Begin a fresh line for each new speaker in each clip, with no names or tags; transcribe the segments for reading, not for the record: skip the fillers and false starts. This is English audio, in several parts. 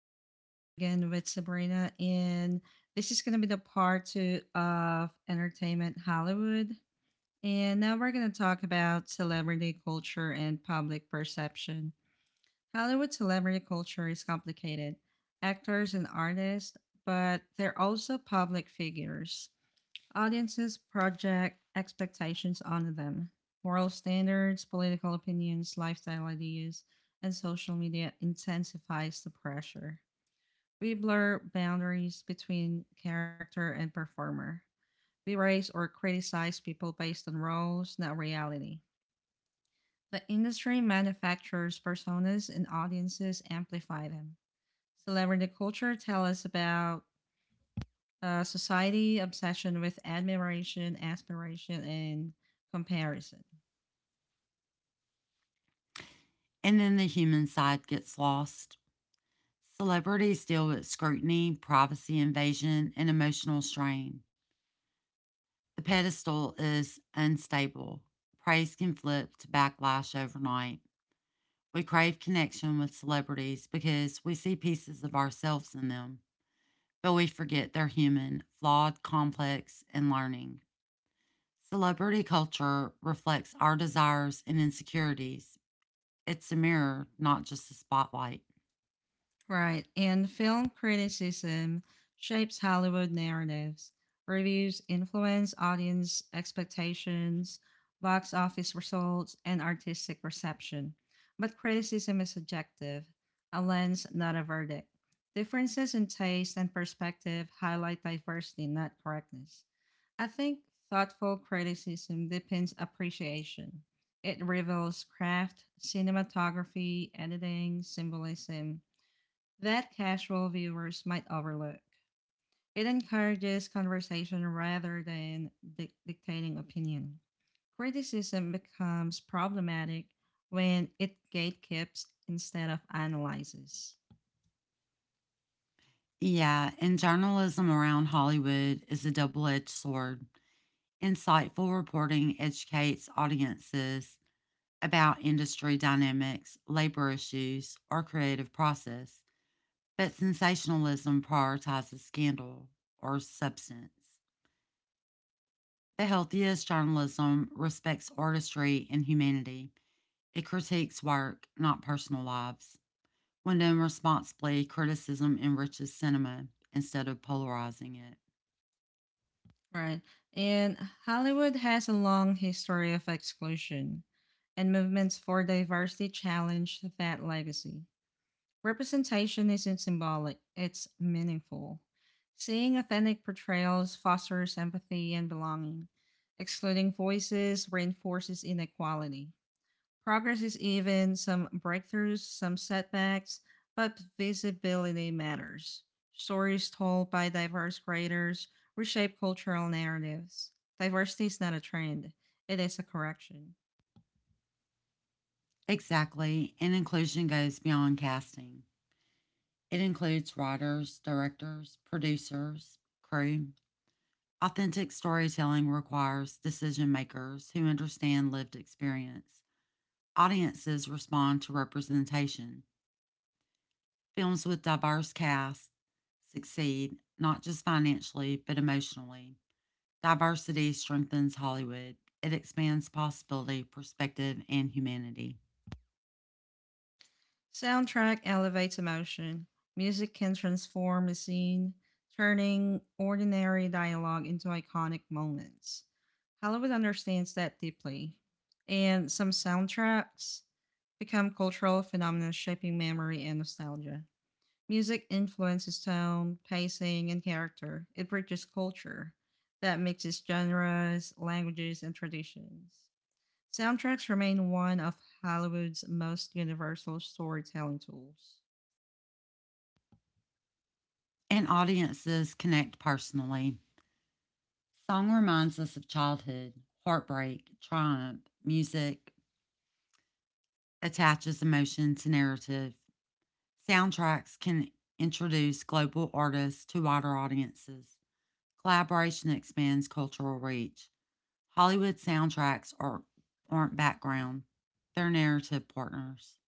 This is Anna again with Sabrina, and this is going to be the part two of Entertainment Hollywood. And now we're going to talk about celebrity culture and public perception. Hollywood celebrity culture is complicated. Actors and artists, but they're also public figures. Audiences project expectations onto them, moral standards, political opinions, lifestyle ideas, and social media intensifies the pressure. We blur boundaries between character and performer. We raise or criticize people based on roles, not reality. The industry manufactures personas and audiences amplify them. Celebrity culture tells us about society obsession with admiration, aspiration, and comparison.
And then the human side gets lost. Celebrities deal with scrutiny, privacy invasion, and emotional strain. The pedestal is unstable. Praise can flip to backlash overnight. We crave connection with celebrities because we see pieces of ourselves in them, but we forget they're human, flawed, complex, and learning. Celebrity culture reflects our desires and insecurities. It's a mirror, not just a spotlight.
Right. And film criticism shapes Hollywood narratives, reviews influence audience expectations, box office results, and artistic reception. But criticism is subjective, a lens, not a verdict. Differences in taste and perspective highlight diversity, not correctness. I think thoughtful criticism depends appreciation. It reveals craft, cinematography, editing, symbolism that casual viewers might overlook. It encourages conversation rather than dictating opinion. Criticism becomes problematic when it gatekeeps instead of analyzes.
Yeah, and journalism around Hollywood is a double edged sword. Insightful reporting educates audiences about industry dynamics, labor issues, or creative process, but sensationalism prioritizes scandal or substance. The healthiest journalism respects artistry and humanity. It critiques work, not personal lives. When done responsibly, criticism enriches cinema instead of polarizing it.
Right. And Hollywood has a long history of exclusion, and movements for diversity challenge that legacy. Representation isn't symbolic, it's meaningful. Seeing authentic portrayals fosters empathy and belonging. Excluding voices reinforces inequality. Progress is even, some breakthroughs, some setbacks, but visibility matters. Stories told by diverse creators reshape cultural narratives. Diversity is not a trend, it is a correction.
Exactly. And inclusion goes beyond casting, it includes writers, directors, producers, crew. Authentic storytelling requires decision makers who understand lived experience. Audiences respond to representation. Films with diverse casts succeed, not just financially, but emotionally. Diversity strengthens Hollywood. It expands possibility, perspective, and humanity.
Soundtrack elevates emotion. Music can transform a scene, turning ordinary dialogue into iconic moments. Hollywood understands that deeply, and some soundtracks become cultural phenomena shaping memory and nostalgia. Music influences tone, pacing, and character. It bridges culture that mixes genres, languages, and traditions. Soundtracks remain one of Hollywood's most universal storytelling tools.
And audiences connect personally. Song reminds us of childhood, heartbreak, triumph. Music attaches emotion to narrative. Soundtracks can introduce global artists to wider audiences. Collaboration expands cultural reach. Hollywood soundtracks aren't background, they're narrative partners.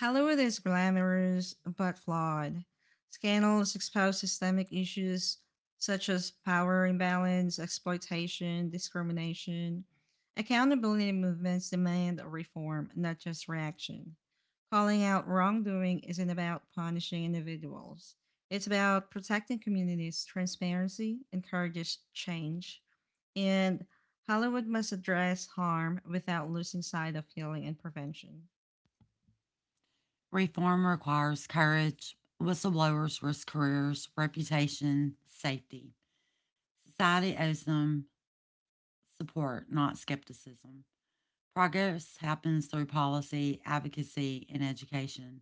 Hollywood is glamorous but flawed. Scandals expose systemic issues such as power imbalance, exploitation, discrimination. Accountability movements demand reform, not just reaction. Calling out wrongdoing isn't about punishing individuals. It's about protecting communities. Transparency encourages change, and Hollywood must address harm without losing sight of healing and prevention.
Reform requires courage. Whistleblowers risk careers, reputation, safety. Society owes them support, not skepticism. Progress happens through policy, advocacy, and education.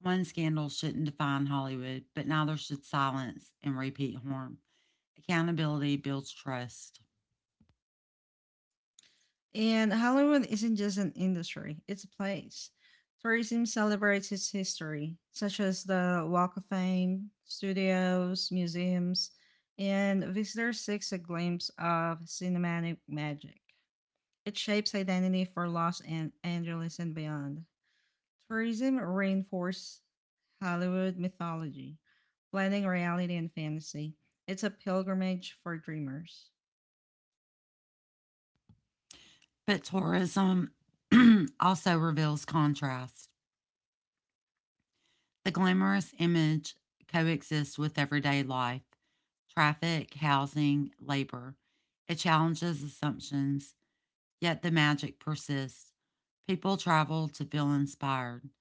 One scandal shouldn't define Hollywood, but neither should silence and repeat harm. Accountability builds trust.
And Hollywood isn't just an industry, it's a place. Tourism celebrates its history, such as the Walk of Fame, studios, museums, and visitors seek a glimpse of cinematic magic. It shapes identity for Angeles and beyond. Tourism reinforces Hollywood mythology, blending reality and fantasy. It's a pilgrimage for dreamers.
But tourism also reveals contrast. The glamorous image coexists with everyday life traffic, housing, labor. It challenges assumptions, yet the magic persists. People travel to feel inspired,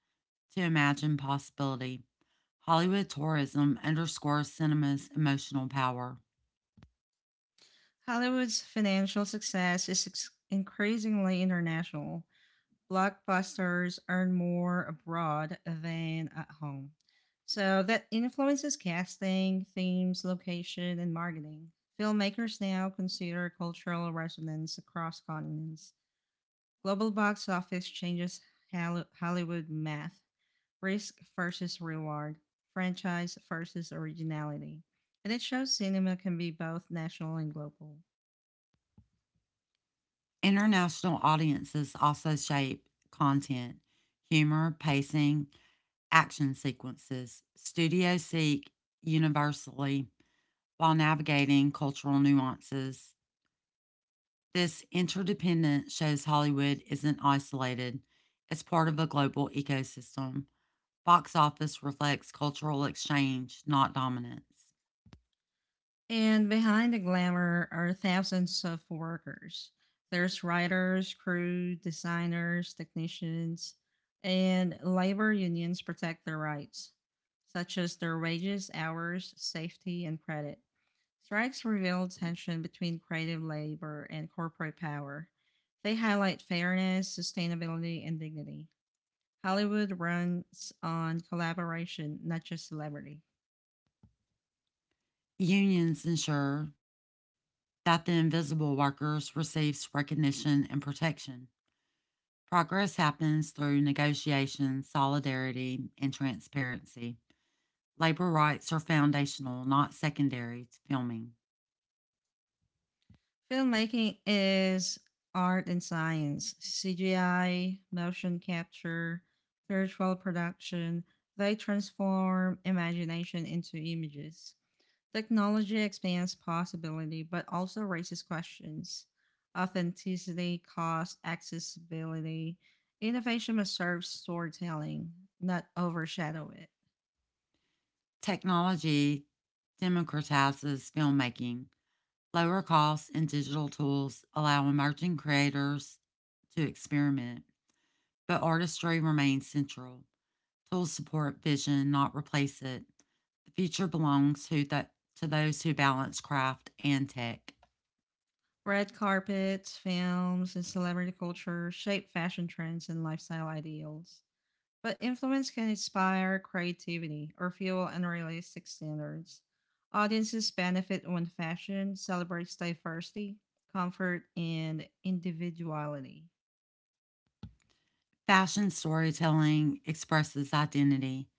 to imagine possibility. Hollywood tourism underscores cinema's emotional power.
Hollywood's financial success is increasingly international. Blockbusters earn more abroad than at home. So that influences casting, themes, location, and marketing. Filmmakers now consider cultural resonance across continents. Global box office changes Hollywood math, risk versus reward, franchise versus originality. And it shows cinema can be both national and global.
International audiences also shape content, humor, pacing, action sequences. Studios seek universally while navigating cultural nuances. This interdependence shows Hollywood isn't isolated, it's part of a global ecosystem. Box office reflects cultural exchange, not dominance.
And behind the glamour are thousands of workers. There's writers, crew, designers, technicians, and labor unions protect their rights, such as their wages, hours, safety, and credit. Strikes reveal tension between creative labor and corporate power. They highlight fairness, sustainability, and dignity. Hollywood runs on collaboration, not just celebrity.
Unions ensure that the invisible workers receives recognition and protection. Progress happens through negotiation, solidarity, and transparency. Labor rights are foundational, not secondary to filming.
Filmmaking is art and science, CGI, motion capture, virtual production. They transform imagination into images. Technology expands possibility but also raises questions. Authenticity, cost, accessibility. Innovation must serve storytelling, not overshadow it.
Technology democratizes filmmaking. Lower costs and digital tools allow emerging creators to experiment, but artistry remains central. Tools support vision, not replace it. The future belongs to those who balance craft and tech.
Red carpets, films, and celebrity culture shape fashion trends and lifestyle ideals. But influence can inspire creativity or fuel unrealistic standards. Audiences benefit when fashion celebrates diversity, comfort, and individuality.
Fashion storytelling expresses identity,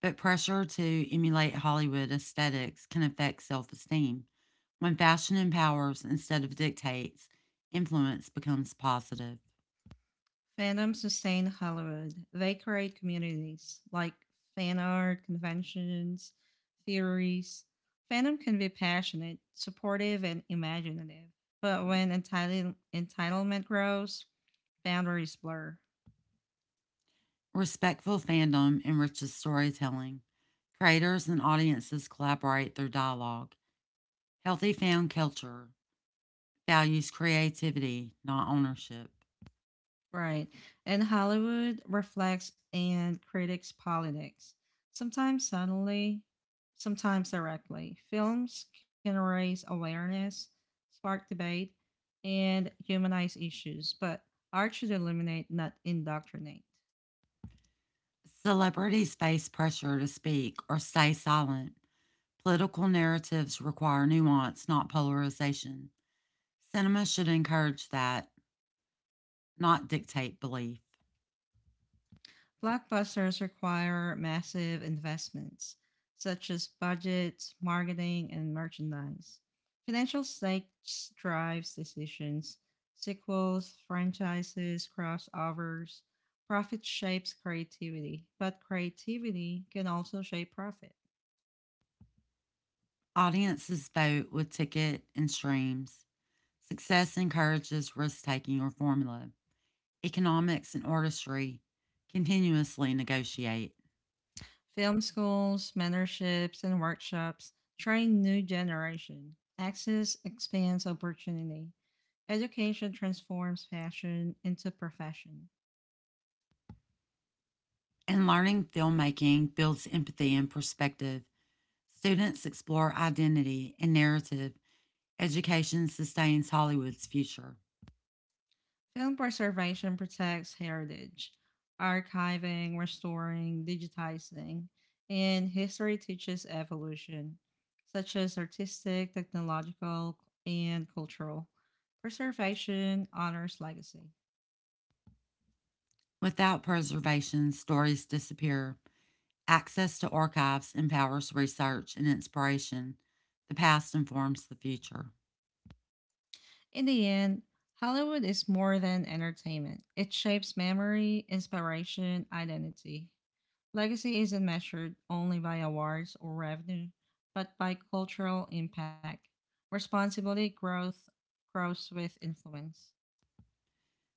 but pressure to emulate Hollywood aesthetics can affect self-esteem. When fashion empowers instead of dictates, influence becomes positive.
Fandoms sustain Hollywood. They create communities like fan art, conventions, theories. Fandom can be passionate, supportive, and imaginative, but when entitlement grows, boundaries blur.
Respectful fandom enriches storytelling. Creators and audiences collaborate through dialogue. Healthy fan culture values creativity, not ownership.
Right. And Hollywood reflects and critics politics, sometimes subtly, sometimes directly. Films can raise awareness, spark debate, and humanize issues, but art should illuminate, not indoctrinate.
Celebrities face pressure to speak or stay silent. Political narratives require nuance, not polarization. Cinema should encourage that, not dictate belief.
Blockbusters require massive investments, such as budgets, marketing, and merchandise. Financial stakes drives decisions. Sequels, franchises, crossovers, profit shapes creativity, but creativity can also shape profit.
Audiences vote with ticket and streams. Success encourages risk taking or formula. Economics and artistry continuously negotiate.
Film schools, mentorships, and workshops train new generation. Access expands opportunity. Education transforms fashion into profession.
And learning filmmaking builds empathy and perspective. Students explore identity and narrative. Education sustains Hollywood's future.
Film preservation protects heritage, archiving, restoring, digitizing, and history teaches evolution, such as artistic, technological, and cultural. Preservation honors legacy.
Without preservation, stories disappear. Access to archives empowers research and inspiration. The past informs the future.
In the end, Hollywood is more than entertainment. It shapes memory, inspiration, identity. Legacy isn't measured only by awards or revenue, but by cultural impact. Responsibility growth grows with influence.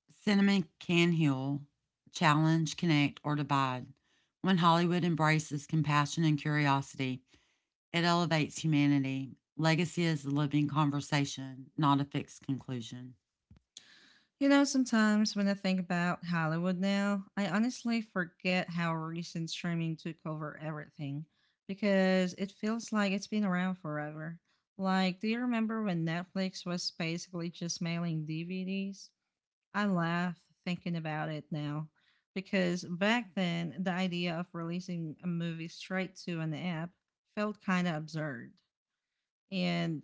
Cinema can heal, challenge, connect, or divide. When Hollywood embraces compassion and curiosity, it elevates humanity. Legacy is a living conversation, not a fixed conclusion.
You know, sometimes when I think about Hollywood now, I honestly forget how recent streaming took over everything because it feels like it's been around forever. Like, do you remember when Netflix was basically just mailing DVDs? I laugh thinking about it now because back then the idea of releasing a movie straight to an app felt kind of absurd and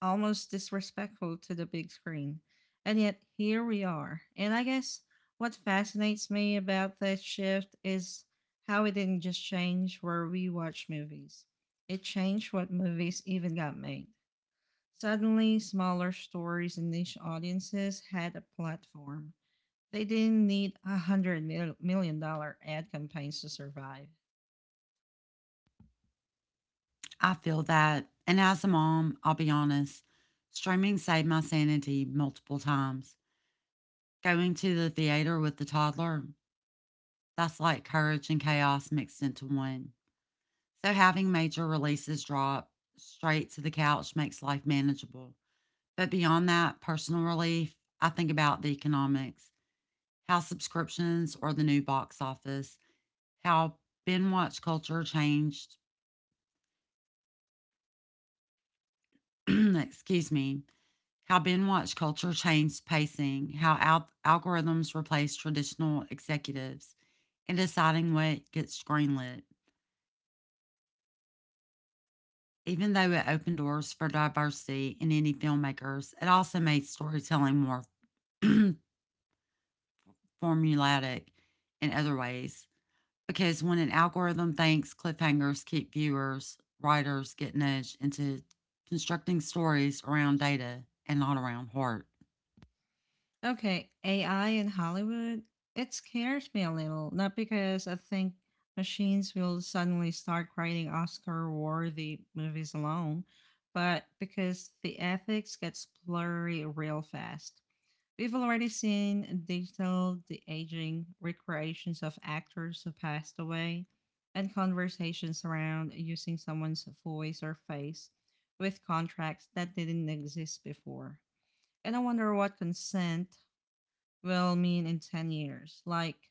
almost disrespectful to the big screen. And yet here we are. And I guess what fascinates me about this shift is how it didn't just change where we watch movies. It changed what movies even got made. Suddenly, smaller stories and niche audiences had a platform. They didn't need $100 million ad campaigns to survive.
I feel that. And as a mom, I'll be honest, streaming saved my sanity multiple times. Going to the theater with the toddler, that's like courage and chaos mixed into one. So having major releases drop straight to the couch makes life manageable. But beyond that personal relief, I think about the economics, how subscriptions or the new box office, how binge watch culture changed, excuse me, how binge-watch culture changed pacing, how algorithms replace traditional executives, and deciding what gets greenlit. Even though it opened doors for diversity in indie filmmakers, it also made storytelling more formulaic in other ways. Because when an algorithm thinks cliffhangers keep viewers, writers get nudged into constructing stories around data and not around heart.
Okay, AI in Hollywood, it scares me a little. Not because I think machines will suddenly start creating Oscar worthy movies alone, but because the ethics gets blurry real fast. We've already seen digital de aging recreations of actors who passed away and conversations around using someone's voice or face with contracts that didn't exist before. And I wonder what consent will mean in 10 years? Like,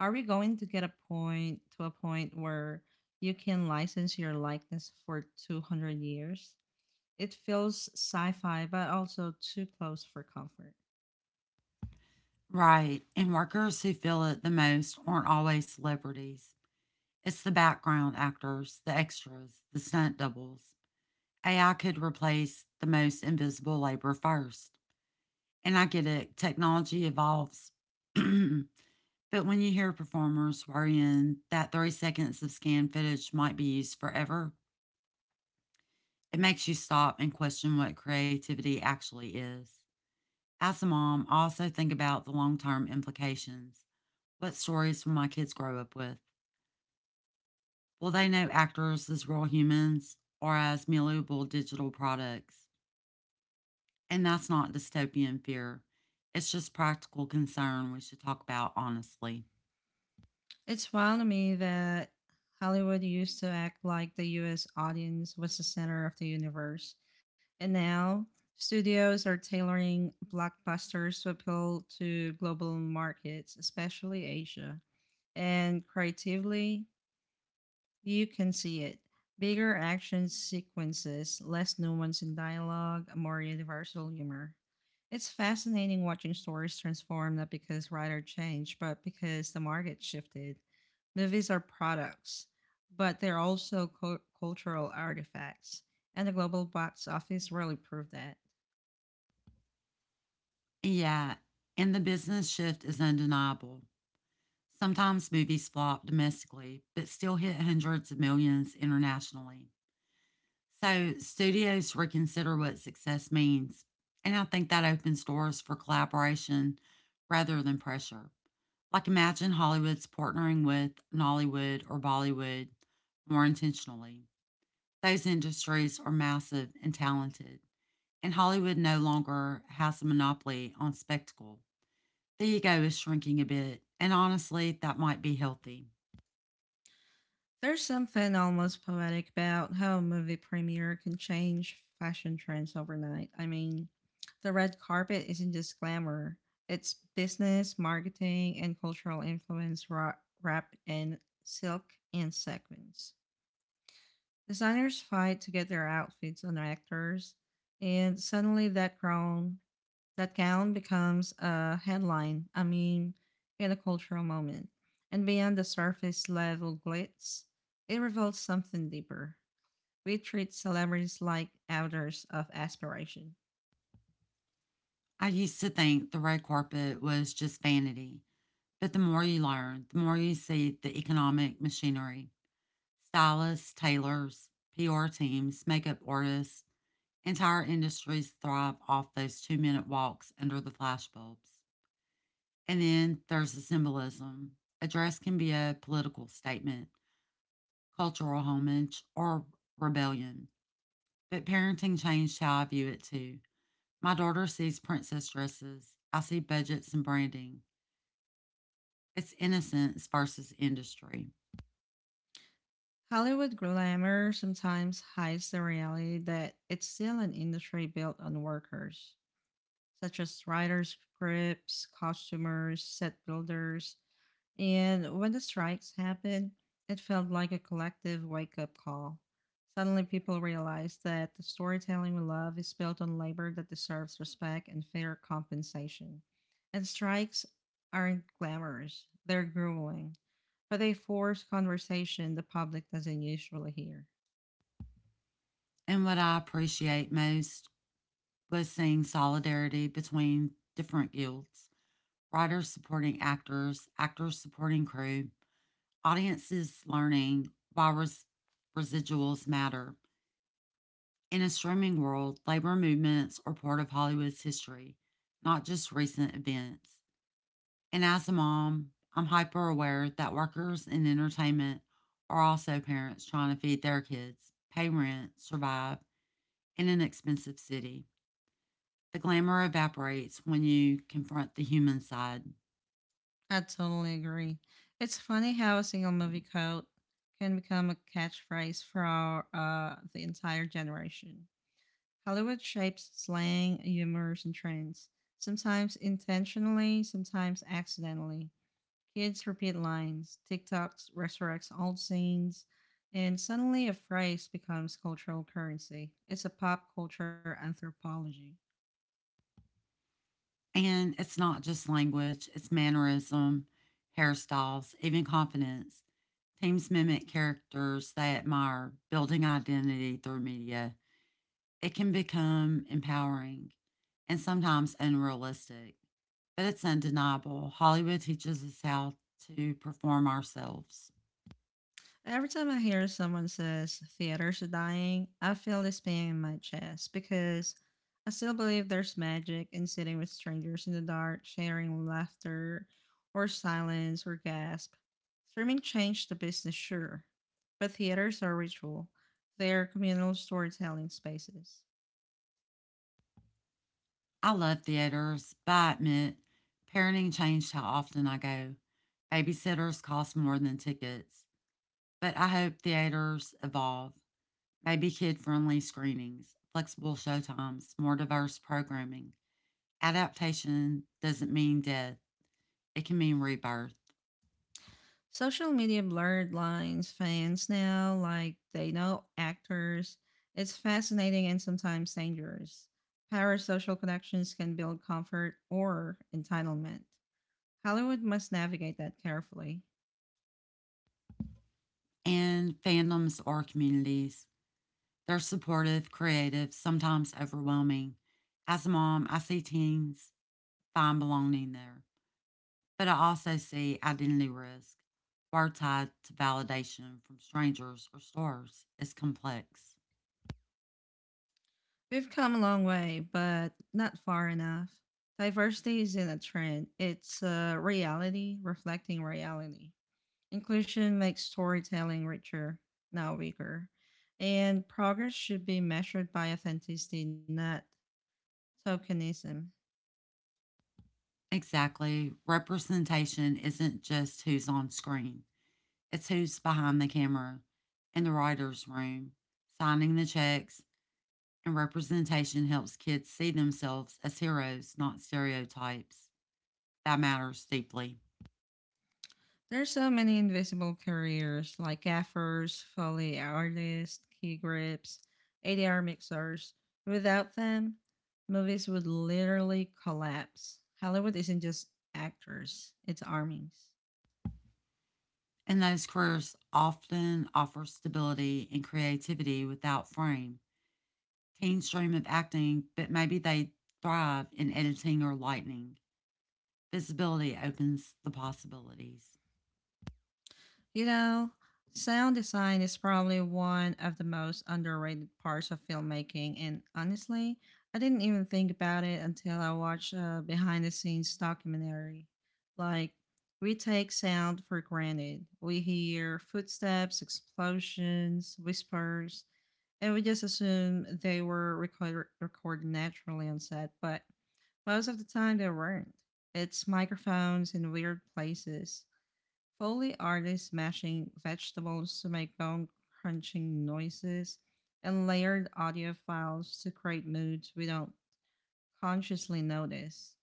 are we going to get a point where you can license your likeness for 200 years? It feels sci fi, but also too close for comfort.
Right. And workers who feel it the most aren't always celebrities. It's the background actors, the extras, the stunt doubles. AI could replace the most invisible labor first. And I get it, technology evolves. But when you hear performers worrying that 30 seconds of scanned footage might be used forever, it makes you stop and question what creativity actually is. As a mom, I also think about the long term implications. What stories will my kids grow up with? Will they know actors as real humans or as malleable digital products? And that's not dystopian fear. It's just practical concern we should talk about honestly.
It's wild to me that Hollywood used to act like the US audience was the center of the universe, and now studios are tailoring blockbusters to appeal to global markets, especially Asia. And creatively, you can see it. Bigger action sequences, less nuance in dialogue, a more universal humor. It's fascinating watching stories transform not because writer changed, but because the market shifted. Movies are products, but they're also cultural artifacts, and the global box office really proved that.
Yeah, and the business shift is undeniable. Sometimes movies flop domestically, but still hit hundreds of millions internationally. So studios reconsider what success means. And I think that opens doors for collaboration rather than pressure. Like imagine Hollywood's partnering with Nollywood or Bollywood more intentionally. Those industries are massive and talented, and Hollywood no longer has a monopoly on spectacle. The ego is shrinking a bit, and honestly, that might be healthy.
There's something almost poetic about how a movie premiere can change fashion trends overnight. I mean, the red carpet isn't just glamour, it's business, marketing, and cultural influence wrapped in silk and sequins. Designers fight to get their outfits on actors, and suddenly that gown becomes a headline, a meme, and a cultural moment. And beyond the surface level glitz, it reveals something deeper. We treat celebrities like elders of aspiration.
I used to think the red carpet was just vanity, but the more you learn, the more you see the economic machinery. Stylists, tailors, PR teams, makeup artists, entire industries thrive off those 2-minute walks under the flashbulbs. And then there's the symbolism. A dress can be a political statement, cultural homage, or rebellion. But parenting changed how I view it too. My daughter sees princess dresses, I see budgets and branding. It's innocence versus industry.
Hollywood glamour sometimes hides the reality that it's still an industry built on workers, such as writers, scripts, costumers, set builders. And when the strikes happened, it felt like a collective wake up call. Suddenly, people realized that the storytelling we love is built on labor that deserves respect and fair compensation. And strikes aren't glamorous, they're grueling, but they force conversation the public doesn't usually hear.
And what I appreciate most was seeing solidarity between different guilds, writers supporting actors, actors supporting crew. Audiences learning why residuals matter. In a streaming world, labor movements are part of Hollywood's history, not just recent events. And as a mom, I'm hyper aware that workers in entertainment are also parents trying to feed their kids, pay rent, survive in an expensive city. The glamour evaporates when you confront the human side.
I totally agree. It's funny how a single movie quote can become a catchphrase for the entire generation. Hollywood shapes slang, humors, and trends, sometimes intentionally, sometimes accidentally. Kids repeat lines, TikToks resurrects old scenes, and suddenly a phrase becomes cultural currency. It's a pop culture anthropology.
And it's not just language, it's mannerism, hairstyles, even confidence. Teams mimic characters they admire, building identity through media. It can become empowering and sometimes unrealistic, but it's undeniable. Hollywood teaches us how to perform ourselves.
Every time I hear someone says theaters are dying, I feel this pain in my chest because I still believe there's magic in sitting with strangers in the dark, sharing laughter or silence or gasp. Streaming changed the business, sure, but theaters are ritual. They're communal storytelling spaces.
I love theaters, but I admit parenting changed how often I go. Babysitters cost more than tickets, but I hope theaters evolve. Maybe kid friendly screenings, flexible showtimes, more diverse programming. Adaptation doesn't mean death, it can mean rebirth.
Social media blurred lines, fans now, like they know actors. It's fascinating and sometimes dangerous. Parasocial connections can build comfort or entitlement. Hollywood must navigate that carefully.
And fandoms or communities, they're supportive, creative, sometimes overwhelming. As a mom, I see teens find belonging there, but I also see identity risk. Word tied to validation from strangers or stars is complex.
We've come a long way, but not far enough. Diversity isn't a trend, it's a reality reflecting reality. Inclusion makes storytelling richer, not weaker. And progress should be measured by authenticity, not tokenism.
Exactly. Representation isn't just who's on screen, it's who's behind the camera, in the writer's room, signing the checks, and representation helps kids see themselves as heroes, not stereotypes. That matters deeply.
There's so many invisible careers like gaffers, foley artists, key grips, ADR mixers. Without them, movies would literally collapse. Hollywood isn't just actors, it's armies.
And those careers often offer stability and creativity without frame. Teens dream of acting, but maybe they thrive in editing or lighting. Visibility opens the possibilities.
You know, sound design is probably one of the most underrated parts of filmmaking, and honestly, I didn't even think about it until I watched a behind the scenes documentary. Like, we take sound for granted. We hear footsteps, explosions, whispers, and we just assume they were recorded naturally on set, but most of the time they weren't. It's microphones in weird places, Foley artists smashing vegetables to make bone crunching noises, and layered audio files to create moods we don't consciously notice.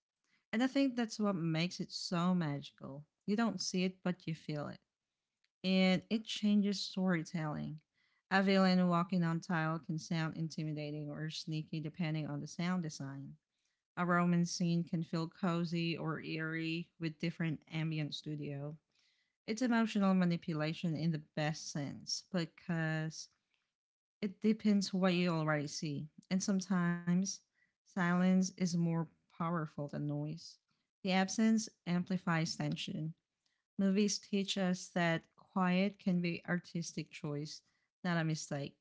And I think that's what makes it so magical. You don't see it, but you feel it. And it changes storytelling. A villain walking on tile can sound intimidating or sneaky depending on the sound design. A romance scene can feel cozy or eerie with different ambient studio. It's emotional manipulation in the best sense because it deepens what you already see, and sometimes silence is more powerful than noise. The absence amplifies tension. Movies teach us that quiet can be artistic choice, not a mistake.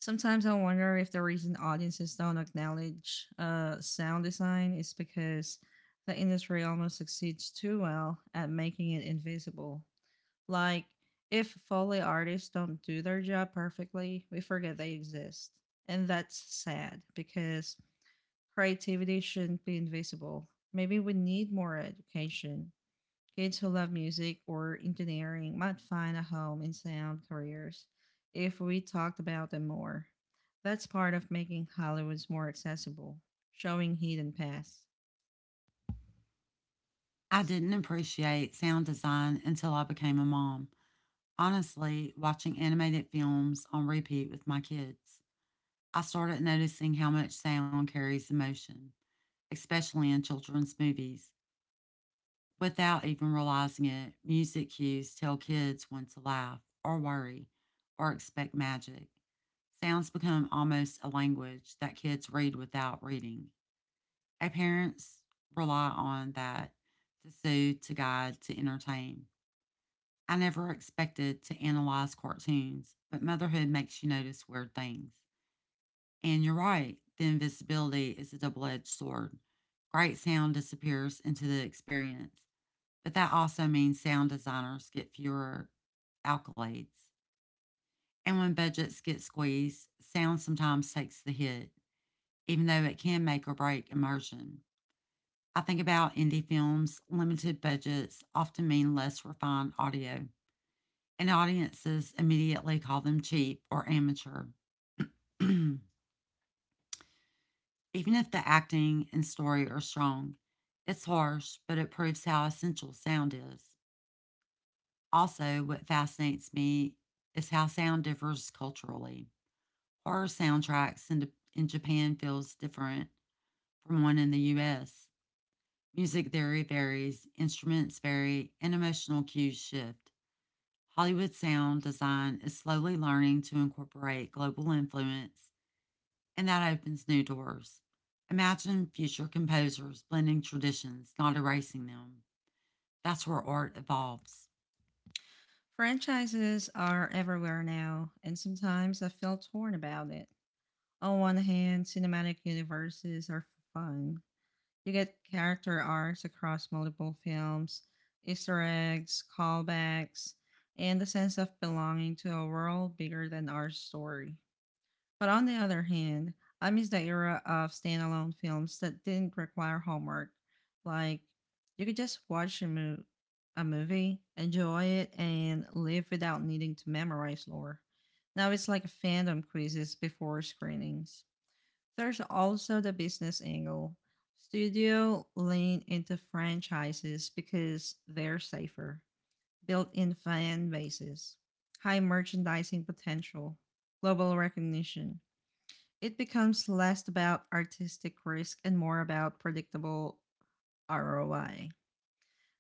Sometimes I wonder if the reason audiences don't acknowledge sound design is because the industry almost succeeds too well at making it invisible. Like, if Foley artists don't do their job perfectly, we forget they exist. And that's sad because creativity shouldn't be invisible. Maybe we need more education. Kids who love music or engineering might find a home in sound careers if we talked about them more. That's part of making Hollywood's more accessible, showing hidden paths.
I didn't appreciate sound design until I became a mom. Honestly, watching animated films on repeat with my kids, I started noticing how much sound carries emotion, especially in children's movies. Without even realizing it, music cues tell kids when to laugh or worry or expect magic. Sounds become almost a language that kids read without reading. And parents rely on that to soothe, to guide, to entertain. I never expected to analyze cartoons, but motherhood makes you notice weird things. And you're right, the invisibility is a double edged sword. Great sound disappears into the experience, but that also means sound designers get fewer accolades. And when budgets get squeezed, sound sometimes takes the hit, even though it can make or break immersion. I think about indie films, limited budgets often mean less refined audio, and audiences immediately call them cheap or amateur. Even if the acting and story are strong, it's harsh, but it proves how essential sound is. Also, what fascinates me is how sound differs culturally. Horror soundtracks in Japan feels different from one in the US. Music theory varies, instruments vary, and emotional cues shift. Hollywood sound design is slowly learning to incorporate global influence, and that opens new doors. Imagine future composers blending traditions, not erasing them. That's where art evolves.
Franchises are everywhere now, and sometimes I feel torn about it. On one hand, cinematic universes are fun. You get character arcs across multiple films, Easter eggs, callbacks, and the sense of belonging to a world bigger than our story. But on the other hand, I miss the era of standalone films that didn't require homework. Like, you could just a movie, enjoy it, and live without needing to memorize lore. Now it's like fandom quizzes before screenings. There's also the business angle. Studio lean into franchises because they're safer, built-in fan bases, high merchandising potential, global recognition. It becomes less about artistic risk and more about predictable ROI.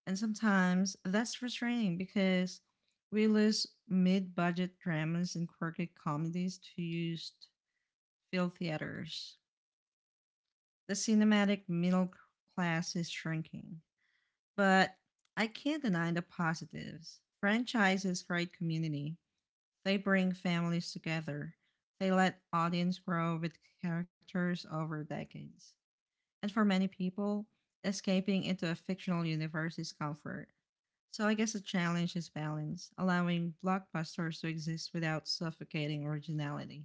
And sometimes that's frustrating because we lose mid budget dramas and quirky comedies to used field theaters. The cinematic middle class is shrinking. But I can't deny the positives. Franchises create community. They bring families together. They let audience grow with characters over decades. And for many people, escaping into a fictional universe is comfort. So I guess the challenge is balance, allowing blockbusters to exist without suffocating originality.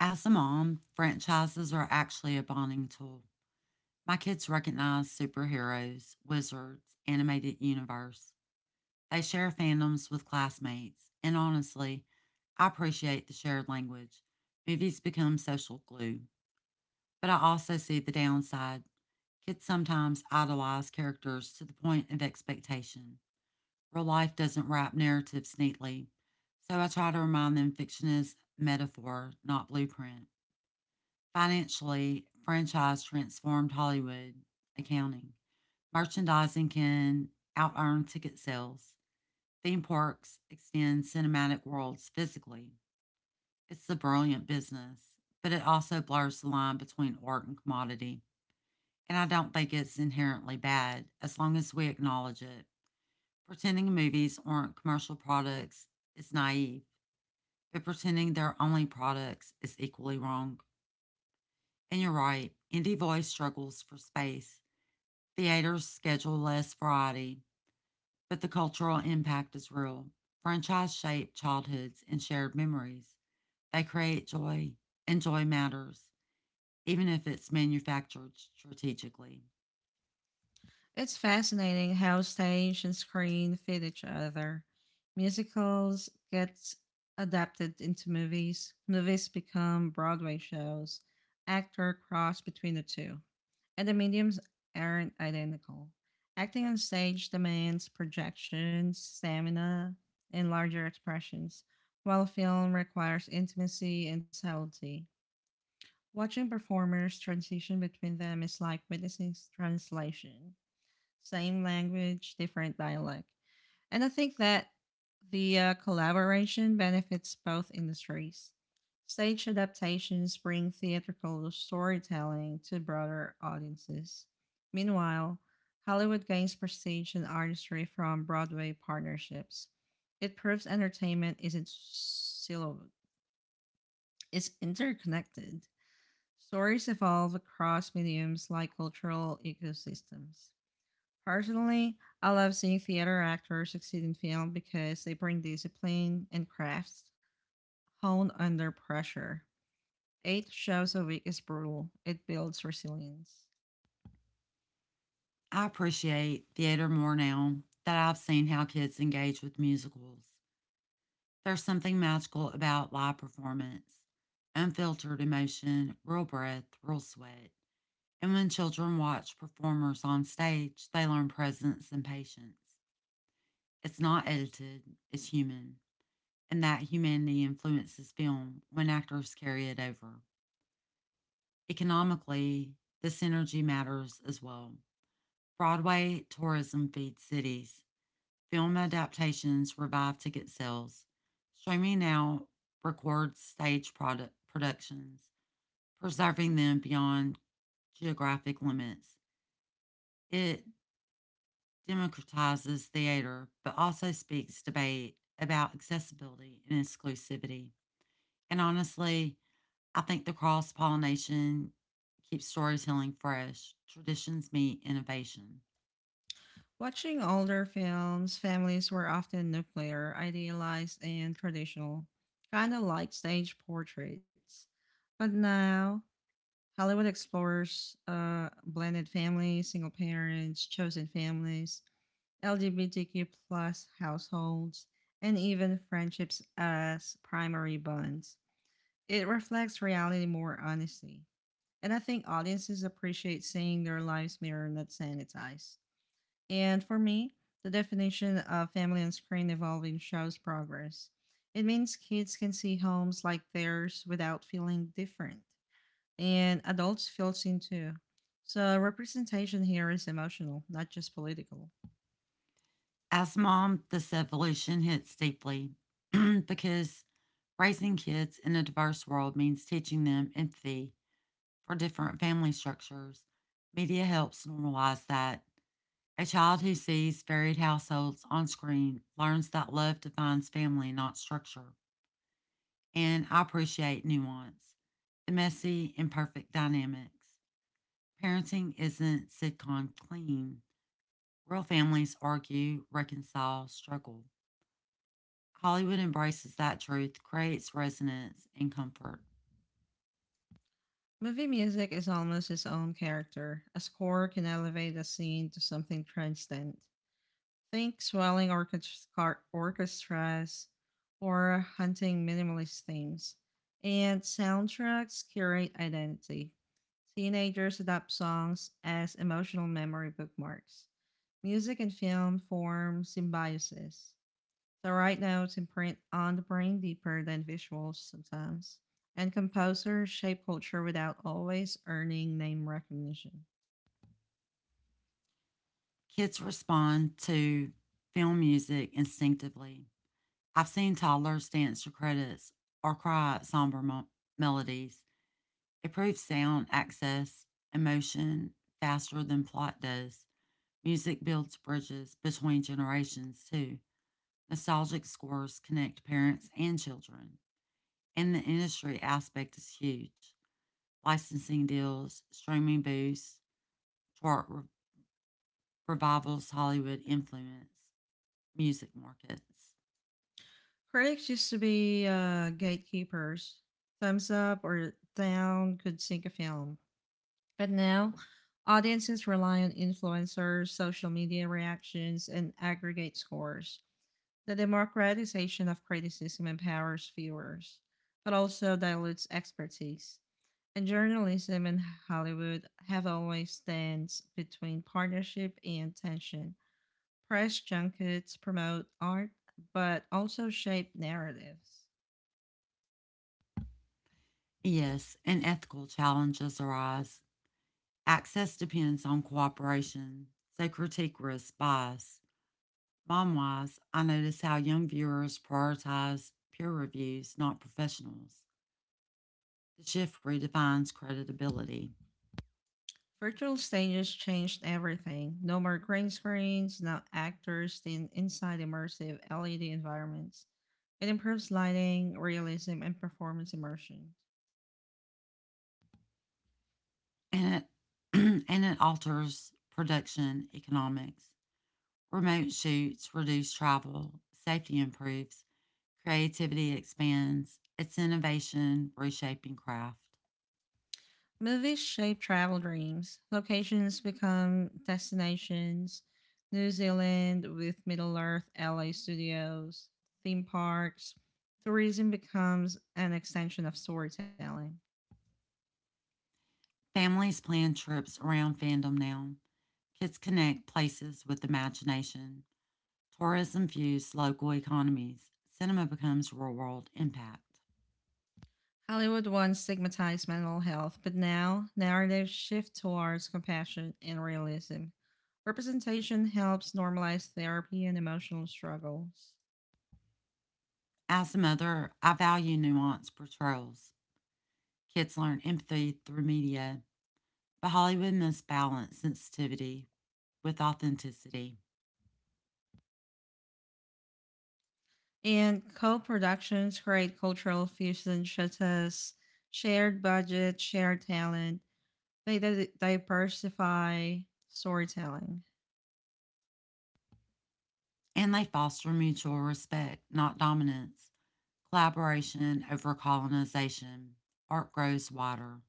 As a mom, franchises are actually a bonding tool. My kids recognize superheroes, wizards, animated universe. They share fandoms with classmates, and honestly, I appreciate the shared language. Movies become social glue. But I also see the downside. Kids sometimes idolize characters to the point of expectation. Real life doesn't wrap narratives neatly, so I try to remind them fiction is metaphor, not blueprint. Financially, franchise transformed Hollywood accounting. Merchandising can out earn ticket sales. Theme parks extend cinematic worlds physically. It's a brilliant business, but it also blurs the line between art and commodity. And I don't think it's inherently bad as long as we acknowledge it. Pretending movies aren't commercial products is naive, but pretending they're only products is equally wrong. And you're right, Indie Voice struggles for space. Theaters schedule less variety, but the cultural impact is real. Franchise shape childhoods and shared memories. They create joy, and joy matters, even if it's manufactured strategically.
It's fascinating how stage and screen feed each other. Musicals get adapted into movies, movies become Broadway shows, actor cross between the two. And the mediums aren't identical. Acting on stage demands projection, stamina, and larger expressions, while film requires intimacy and subtlety. Watching performers transition between them is like witnessing translation same language, different dialect. And I think that the collaboration benefits both industries. Stage adaptations bring theatrical storytelling to broader audiences. Meanwhile, Hollywood gains prestige and artistry from Broadway partnerships. It proves entertainment isn't siloed; it's interconnected. Stories evolve across mediums like cultural ecosystems. Personally, I love seeing theater actors succeed in film because they bring discipline and crafts honed under pressure. Eight shows a week is brutal. It builds resilience.
I appreciate theater more now that I've seen how kids engage with musicals. There's something magical about live performance, unfiltered emotion, real breath, real sweat. And when children watch performers on stage, they learn presence and patience. It's not edited, it's human. And that humanity influences film when actors carry it over. Economically, this energy matters as well. Broadway tourism feeds cities, film adaptations revive ticket sales. Streaming now records stage productions, preserving them beyond geographic limits. It democratizes theater, but also speaks debate about accessibility and exclusivity. And honestly, I think the cross pollination keeps storytelling fresh. Traditions meet innovation.
Watching older films, families were often nuclear, idealized, and traditional, kind of like stage portraits. But now, Hollywood explores blended families, single parents, chosen families, LGBTQ plus households, and even friendships as primary bonds. It reflects reality more honestly. And I think audiences appreciate seeing their lives mirrored, not sanitized. And for me, the definition of family on screen evolving shows progress. It means kids can see homes like theirs without feeling different, and adults feel seen too. So, representation here is emotional, not just political.
As mom, this evolution hits deeply because raising kids in a diverse world means teaching them empathy for different family structures. Media helps normalize that. A child who sees varied households on screen learns that love defines family, not structure. And I appreciate nuance, the messy, imperfect dynamics. Parenting isn't sitcom clean. Real families argue, reconcile, struggle. Hollywood embraces that truth, creates resonance and comfort.
Movie music is almost its own character. A score can elevate a scene to something transcendent. Think orchestras or hunting minimalist themes. And soundtracks curate identity. Teenagers adopt songs as emotional memory bookmarks. Music and film form symbiosis. The right notes imprint on the brain deeper than visuals sometimes. And composers shape culture without always earning name recognition.
Kids respond to film music instinctively. I've seen toddlers dance to credits or cry at melodies. It proves sound access emotion faster than plot does. Music builds bridges between generations, too. Nostalgic scores connect parents and children. And the industry aspect is huge. Licensing deals, streaming boosts, chart re- revivals, Hollywood influence, music markets.
Critics used to be gatekeepers. Thumbs up or down could sink a film. But now, audiences rely on influencers, social media reactions, and aggregate scores. The democratization of criticism empowers viewers, but also dilutes expertise. And journalism in Hollywood have always stands between partnership and tension. Press junkets promote art, but also shape narratives.
Yes, and ethical challenges arise. Access depends on cooperation. So critique risks bias. Mom wise, I notice how young viewers prioritize peer reviews, not professionals. The shift redefines credibility,
Virtual stages changed everything. No more green screens, now actors stand inside immersive LED environments. It improves lighting, realism, and performance immersion.
and it, and it alters production economics. Remote shoots reduce travel, safety improves, creativity expands. It's innovation reshaping craft.
Movies shape travel dreams. Locations become destinations. New Zealand with Middle Earth, LA studios, theme parks. Tourism becomes an extension of storytelling.
Families plan trips around fandom now. Kids connect places with imagination. Tourism fuels local economies. Cinema becomes real world impact.
Hollywood once stigmatized mental health, but now narratives shift towards compassion and realism. Representation helps normalize therapy and emotional struggles.
As a mother, I value nuanced portrayals. Kids learn empathy through media, but Hollywood must balance sensitivity with authenticity.
And co productions create cultural fusion such as shared budget, shared talent. Diversify storytelling.
And they foster mutual respect, not dominance, collaboration over colonization. Art grows wider.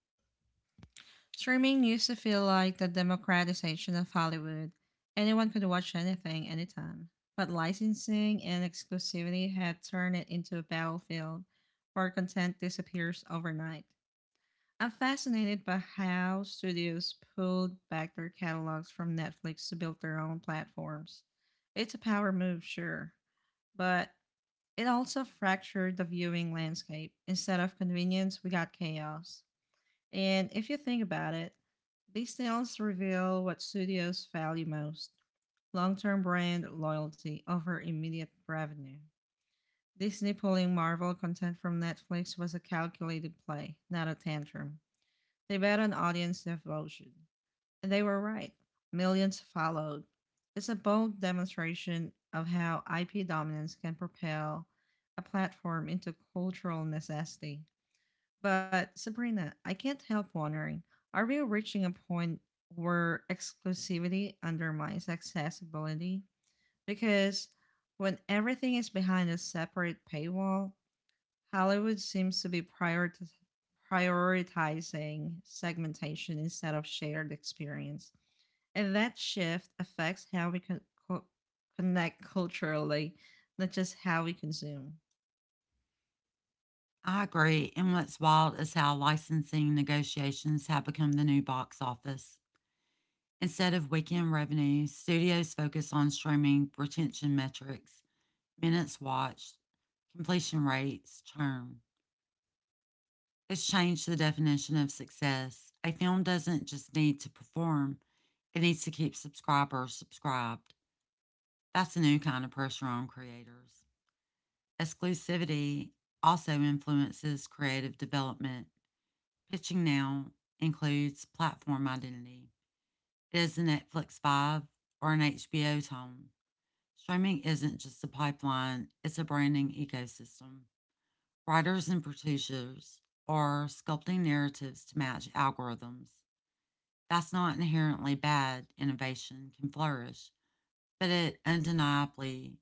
Streaming used to feel like the democratization of Hollywood. Anyone could watch anything, anytime. But licensing and exclusivity had turned it into a battlefield where content disappears overnight. I'm fascinated by how studios pulled back their catalogs from Netflix to build their own platforms. It's a power move, sure, but it also fractured the viewing landscape. Instead of convenience, we got chaos. And if you think about it, these tales reveal what studios value most, long term brand loyalty over immediate revenue. Disney pulling Marvel content from Netflix was a calculated play, not a tantrum. They bet on audience devotion, and they were right. Millions followed. It's a bold demonstration of how IP dominance can propel a platform into cultural necessity. But, Sabrina, I can't help wondering, are we reaching a point where exclusivity undermines accessibility? Because when everything is behind a separate paywall, Hollywood seems to be prioritizing segmentation instead of shared experience. And that shift affects how we co- connect culturally, not just how we consume.
I agree. And what's wild is how licensing negotiations have become the new box office. Instead of weekend revenue, studios focus on streaming retention metrics, minutes watched, completion rates, churn. It's changed the definition of success. A film doesn't just need to perform, it needs to keep subscribers subscribed. That's a new kind of pressure on creators. Exclusivity also influences creative development. Pitching now includes platform identity. It is a Netflix vibe or an HBO tone. Streaming isn't just a pipeline, it's a branding ecosystem. Writers and producers are sculpting narratives to match algorithms. That's not inherently bad. Innovation can flourish, but it undeniably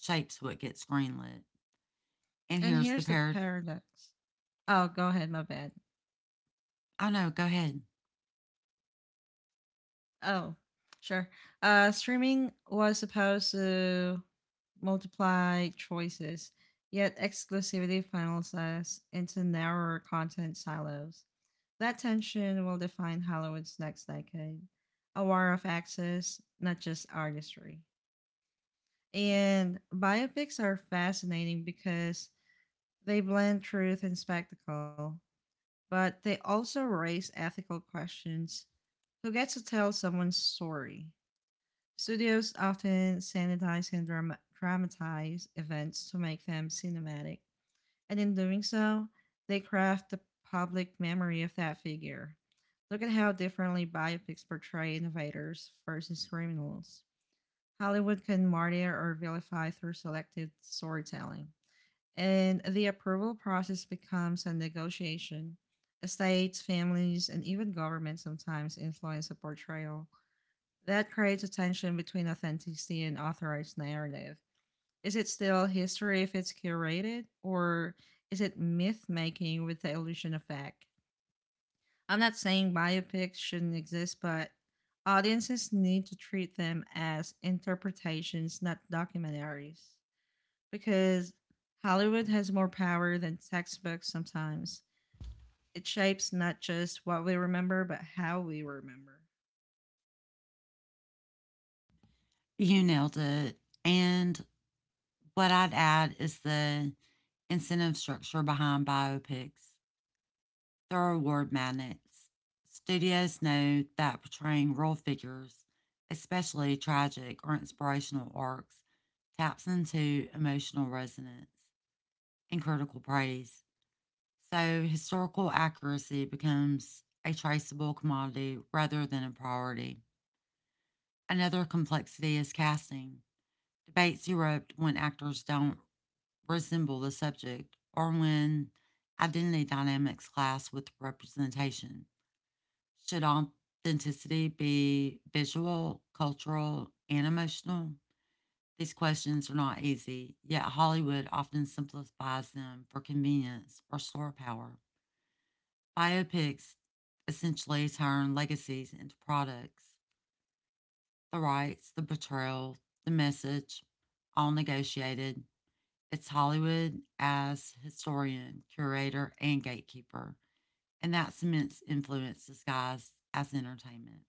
shapes what gets greenlit. And
And
here's the
here's the
pair.
paradox. Oh, go ahead, my bad.
Oh no, go ahead.
Oh, sure. Streaming was supposed to multiply choices, yet exclusivity funnels us into narrower content silos. That tension will define Hollywood's next decade, a war of access, not just artistry. And biopics are fascinating because they blend truth and spectacle, but they also raise ethical questions. Who gets to tell someone's story? Studios often sanitize and dramatize events to make them cinematic, and in doing so, they craft the public memory of that figure. Look at how differently biopics portray innovators versus criminals. Hollywood can martyr or vilify through selective storytelling, and the approval process becomes a negotiation. Estates, families, and even governments sometimes influence a portrayal that creates a tension between authenticity and authorized narrative. Is it still history if it's curated, or is it myth making with the illusion of fact? I'm not saying biopics shouldn't exist, but audiences need to treat them as interpretations, not documentaries. Because Hollywood has more power than textbooks sometimes. It shapes not just what we remember, but how we remember.
You nailed it. And what I'd add is the incentive structure behind biopics, their award magnets. Studios know that portraying real figures, especially tragic or inspirational arcs, taps into emotional resonance and critical praise. So historical accuracy becomes a traceable commodity rather than a priority. Another complexity is casting. Debates erupt when actors don't resemble the subject, or when identity dynamics clash with representation. Should authenticity be visual, cultural, and emotional? These questions are not easy, yet Hollywood often simplifies them for convenience or star power. Biopics essentially turn legacies into products. The rights, the portrayal, the message, all negotiated. It's Hollywood as historian, curator, and gatekeeper, and that cements influence disguised as entertainment.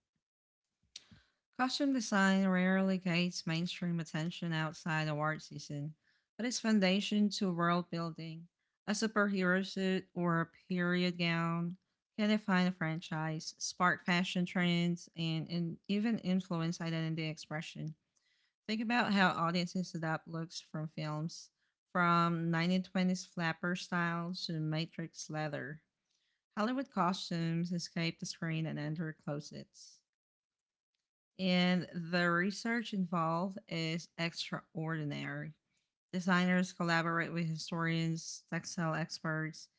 Costume design rarely gets mainstream attention outside award season, but it's foundation to world building. A superhero suit or a period gown can define a franchise, spark fashion trends, and even influence identity expression. Think about how audiences adopt looks from films, from 1920s flapper styles to Matrix leather. Hollywood costumes escape the screen and enter closets and the research involved is extraordinary. Designers collaborate with historians, textile experts,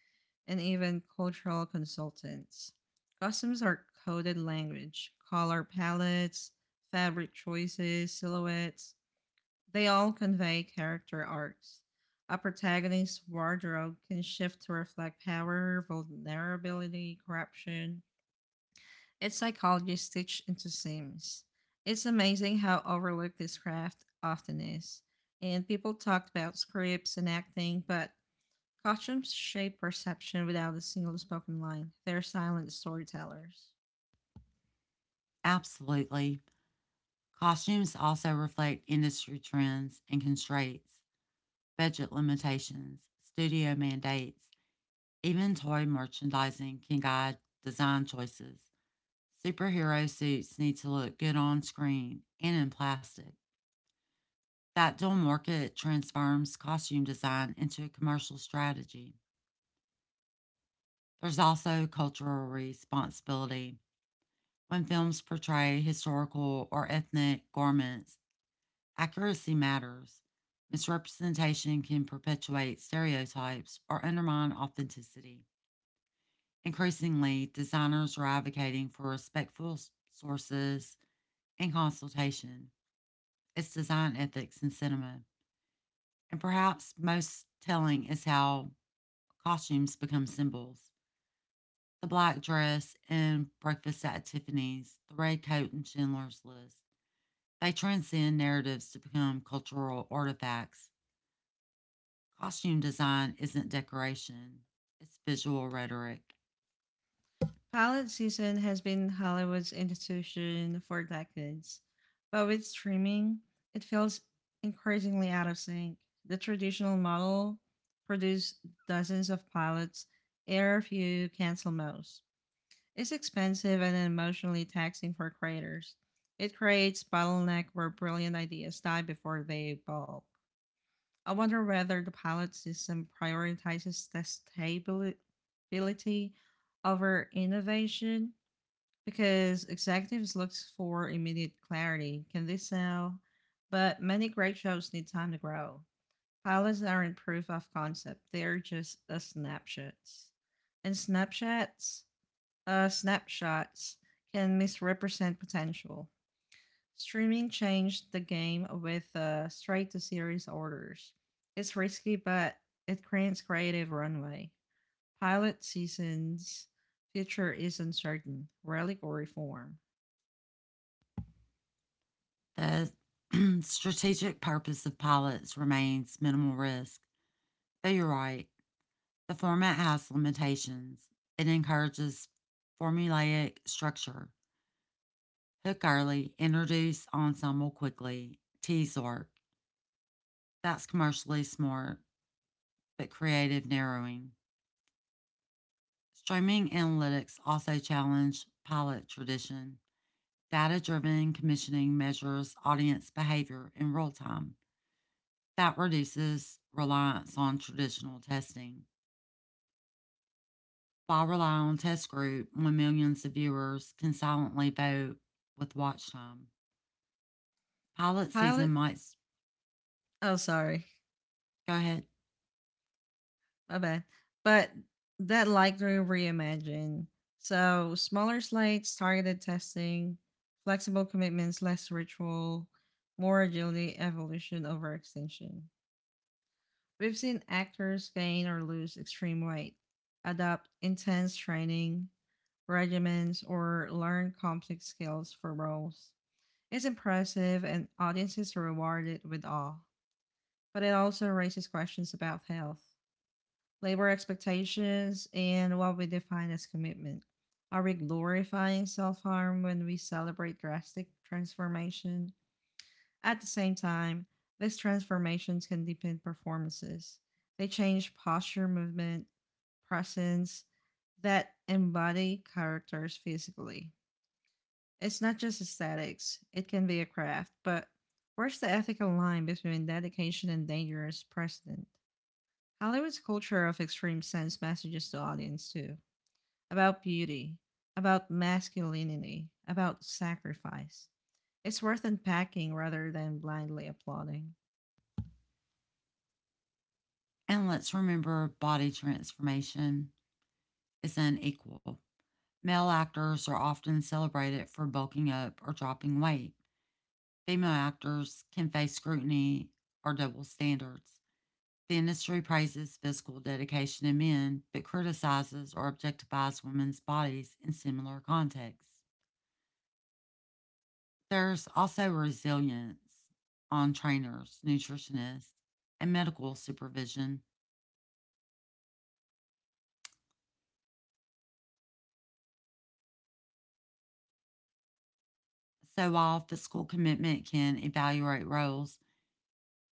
and even cultural consultants. Customs are coded language, color palettes, fabric choices, silhouettes. They all convey character arcs. A protagonist's wardrobe can shift to reflect power, vulnerability, corruption, it's psychology stitched into Sims. It's amazing how overlooked this craft often is. And people talked about scripts and acting, but costumes shape perception without a single spoken line. They're silent storytellers.
Absolutely. Costumes also reflect industry trends and constraints, budget limitations, studio mandates, even toy merchandising can guide design choices. Superhero suits need to look good on screen and in plastic. That dual market transforms costume design into a commercial strategy. There's also cultural responsibility. When films portray historical or ethnic garments, accuracy matters. Misrepresentation can perpetuate stereotypes or undermine authenticity. Increasingly, designers are advocating for respectful sources and consultation. It's design ethics in cinema. And perhaps most telling is how costumes become symbols. The black dress in Breakfast at Tiffany's, the red coat in Schindler's List. They transcend narratives to become cultural artifacts. Costume design isn't decoration, it's visual rhetoric.
Pilot season has been Hollywood's institution for decades, but with streaming, it feels increasingly out of sync. The traditional model produced dozens of pilots, air a few, cancel most. It's expensive and emotionally taxing for creators. It creates bottleneck where brilliant ideas die before they evolve. I wonder whether the pilot system prioritizes testability over innovation because executives look for immediate clarity. Can this sell? But many great shows need time to grow. Pilots aren't proof of concept, they're just a snapshots. And snapshots can misrepresent potential. Streaming changed the game with straight to series orders. It's risky, but it creates creative runway. Pilot seasons future is uncertain, relic or reform.
The strategic purpose of pilots remains minimal risk. But you're right, the format has limitations. It encourages formulaic structure. Hook early, introduce ensemble quickly, tease work. That's commercially smart, but creative narrowing. Streaming analytics also challenge pilot tradition. Data driven commissioning measures audience behavior in real time. That reduces reliance on traditional testing. While relying on test group when millions of viewers can silently vote with watch time. Pilot season
Pilot,
might
oh sorry,
go ahead
my bad. But that likely reimagined. So smaller slates, targeted testing, flexible commitments, less ritual, more agility, evolution over extinction. We've seen actors gain or lose extreme weight, adopt intense training regimens, or learn complex skills for roles. It's impressive and audiences are rewarded with awe, but it also raises questions about health, labor expectations, and what we define as commitment. Are we glorifying self harm when we celebrate drastic transformation? At the same time, these transformations can deepen performances. They change posture, movement, presence that embody characters physically. It's not just aesthetics, it can be a craft, but where's the ethical line between dedication and dangerous precedent? Hollywood's culture of extreme sends messages to audience too about beauty, about masculinity, about sacrifice. It's worth unpacking rather than blindly applauding.
and let's remember body transformation is unequal. Male actors are often celebrated for bulking up or dropping weight. Female actors can face scrutiny or double standards. The industry praises physical dedication in men, but criticizes or objectifies women's bodies in similar contexts. There's also resilience on trainers, nutritionists, and medical supervision. So while physical commitment can evaluate roles,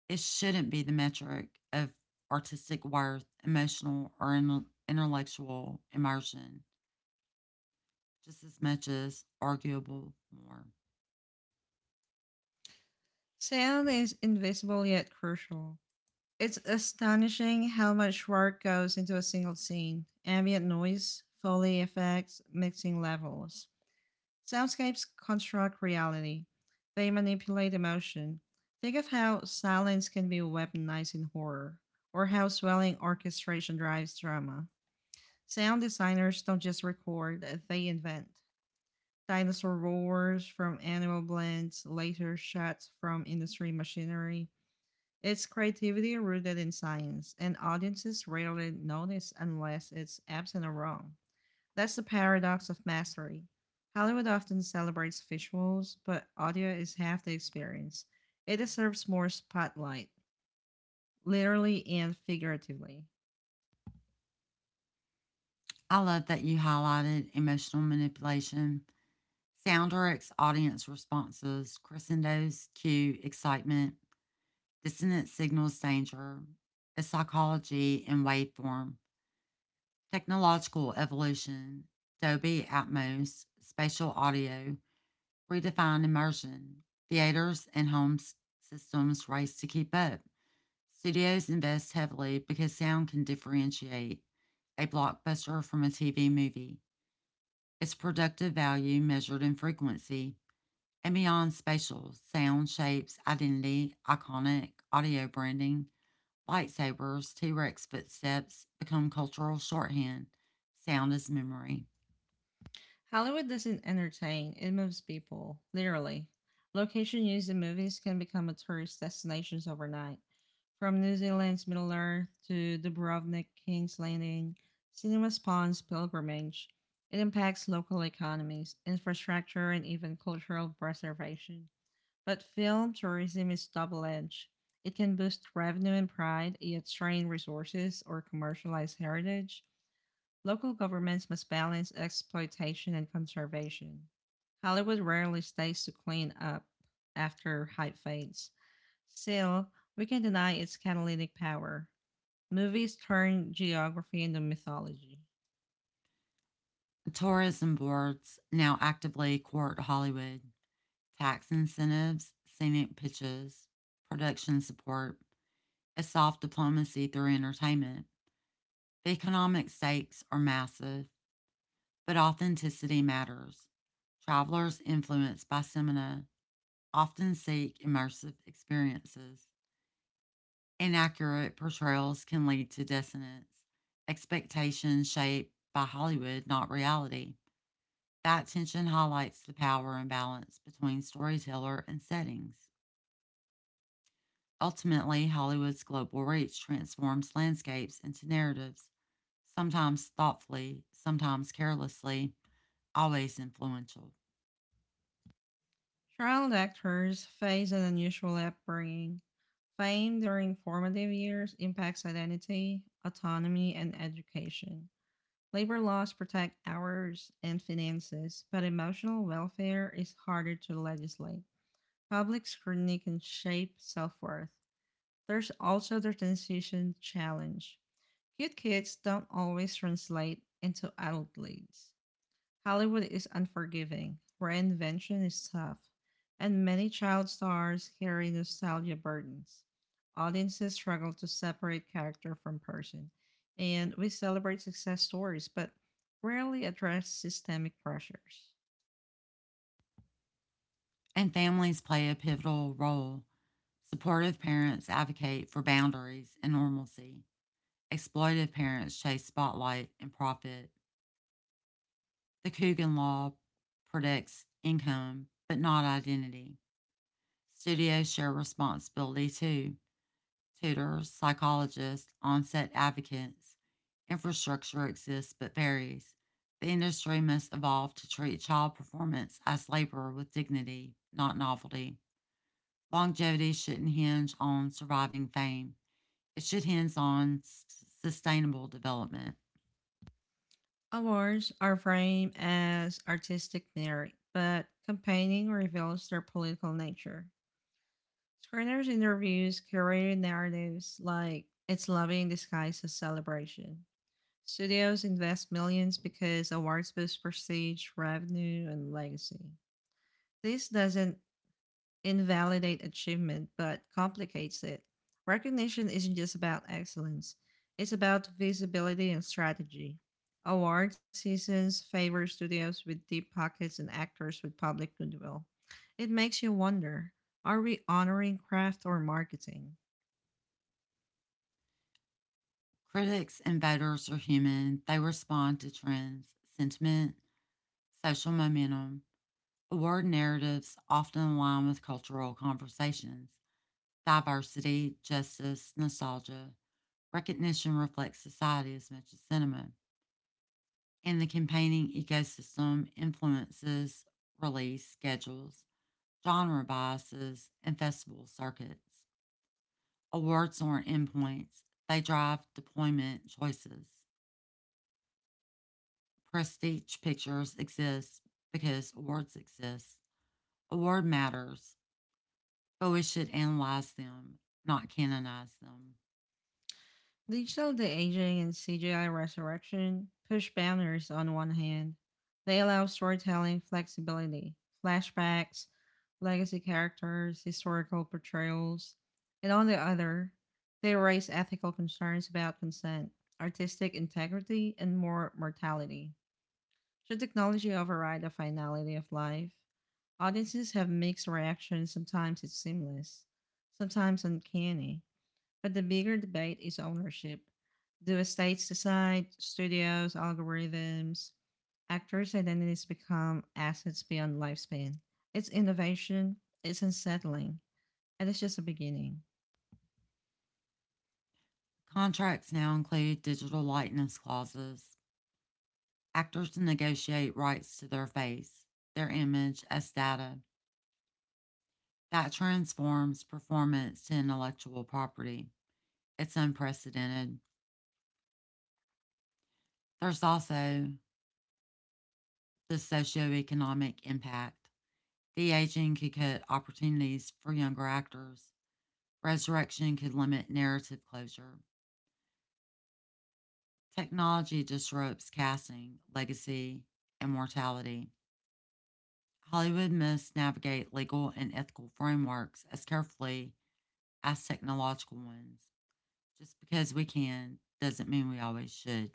it shouldn't be the metric of artistic worth, emotional, or intellectual immersion. Just as much as arguable more.
Sound is invisible yet crucial. It's astonishing how much work goes into a single scene ambient noise, Foley effects, mixing levels. Soundscapes construct reality, they manipulate emotion. Think of how silence can be weaponized in horror, or how swelling orchestration drives drama. Sound designers don't just record, they invent. Dinosaur roars from animal blends, laser shots from industry machinery. It's creativity rooted in science, and audiences rarely notice unless it's absent or wrong. That's the paradox of mastery. Hollywood often celebrates visuals, but audio is half the experience. It deserves more spotlight, literally and figuratively.
I love that you highlighted emotional manipulation. Soundrx audience responses, crescendos, cue, excitement, dissonant signals, danger, a psychology in waveform, technological evolution, Dolby Atmos, spatial audio, redefined immersion, theaters and home systems race to keep up, studios invest heavily because sound can differentiate a blockbuster from a TV movie. Its productive value measured in frequency and beyond spatial sound shapes, identity, iconic audio branding, lightsabers, T Rex footsteps become cultural shorthand. Sound is memory.
Hollywood doesn't entertain, it moves people, literally. Location used in movies can become a tourist destinations overnight. From New Zealand's Middle Earth to Dubrovnik, King's Landing, cinema spawns pilgrimage. It impacts local economies, infrastructure, and even cultural preservation. But film tourism is double edged. It can boost revenue and pride, yet strain resources or commercialize heritage. Local governments must balance exploitation and conservation. Hollywood rarely stays to clean up after hype fades. Still, we can deny its catalytic power. Movies turn geography into mythology.
Tourism boards now actively court Hollywood. Tax incentives, scenic pitches, production support, as soft diplomacy through entertainment. The economic stakes are massive, but authenticity matters. Travelers influenced by Semina often seek immersive experiences. Inaccurate portrayals can lead to dissonance, expectations shaped by Hollywood, not reality. That tension highlights the power imbalance between storyteller and settings. Ultimately, Hollywood's global reach transforms landscapes into narratives sometimes thoughtfully, sometimes carelessly, always influential.
Child actors face an unusual upbringing. Fame during formative years impacts identity, autonomy, and education. Labor laws protect hours and finances, but emotional welfare is harder to legislate. Public scrutiny can shape self worth. There's also the transition challenge. Cute kids don't always translate into adult leads. Hollywood is unforgiving, reinvention is tough, and many child stars carry nostalgia burdens. Audiences struggle to separate character from person, and we celebrate success stories but rarely address systemic pressures.
And families play a pivotal role. Supportive parents advocate for boundaries and normalcy. Exploitive parents chase spotlight and profit. The Coogan Law protects income, but not identity. Studios share responsibility too. Tutors, psychologists, on-set advocates. Infrastructure exists but varies. The industry must evolve to treat child performance as labor with dignity, not novelty. Longevity shouldn't hinge on surviving fame. It should hinge on sustainable development.
Awards are framed as artistic merit, but campaigning reveals their political nature. Screeners interviews curated narratives like it's loving in disguise as celebration. Studios invest millions because awards boost prestige, revenue, and legacy. This doesn't invalidate achievement, but complicates it. Recognition isn't just about excellence, it's about visibility and strategy. Award seasons favor studios with deep pockets and actors with public goodwill. It makes you wonder, are we honoring craft or marketing?
Critics and voters are human. They respond to trends, sentiment, social momentum. Award narratives often align with cultural conversations. Diversity, justice, nostalgia. Recognition reflects society as much as cinema. And the campaigning ecosystem influences release schedules, genre biases, and festival circuits. Awards aren't endpoints, they drive deployment choices. Prestige pictures exist because awards exist. Award matters, but we should analyze them, not canonize them.
Digital de Aging and CGI Resurrection push boundaries on one hand. They allow storytelling flexibility, flashbacks, legacy characters, historical portrayals, and on the other, they raise ethical concerns about consent, artistic integrity, and more mortality. Should technology override the finality of life? Audiences have mixed reactions. Sometimes it's seamless, sometimes uncanny. But the bigger debate is ownership. Do estates decide, studios, algorithms, actors' identities become assets beyond lifespan? It's innovation, it's unsettling, and it's just the beginning.
Contracts now include digital likeness clauses. Actors negotiate rights to their face, their image, as data. That transforms performance to intellectual property. It's unprecedented. There's also the socioeconomic impact. De aging could cut opportunities for younger actors. Resurrection could limit narrative closure. Technology disrupts casting, legacy, and mortality. Hollywood must navigate legal and ethical frameworks as carefully as technological ones. Just because we can doesn't mean we always should.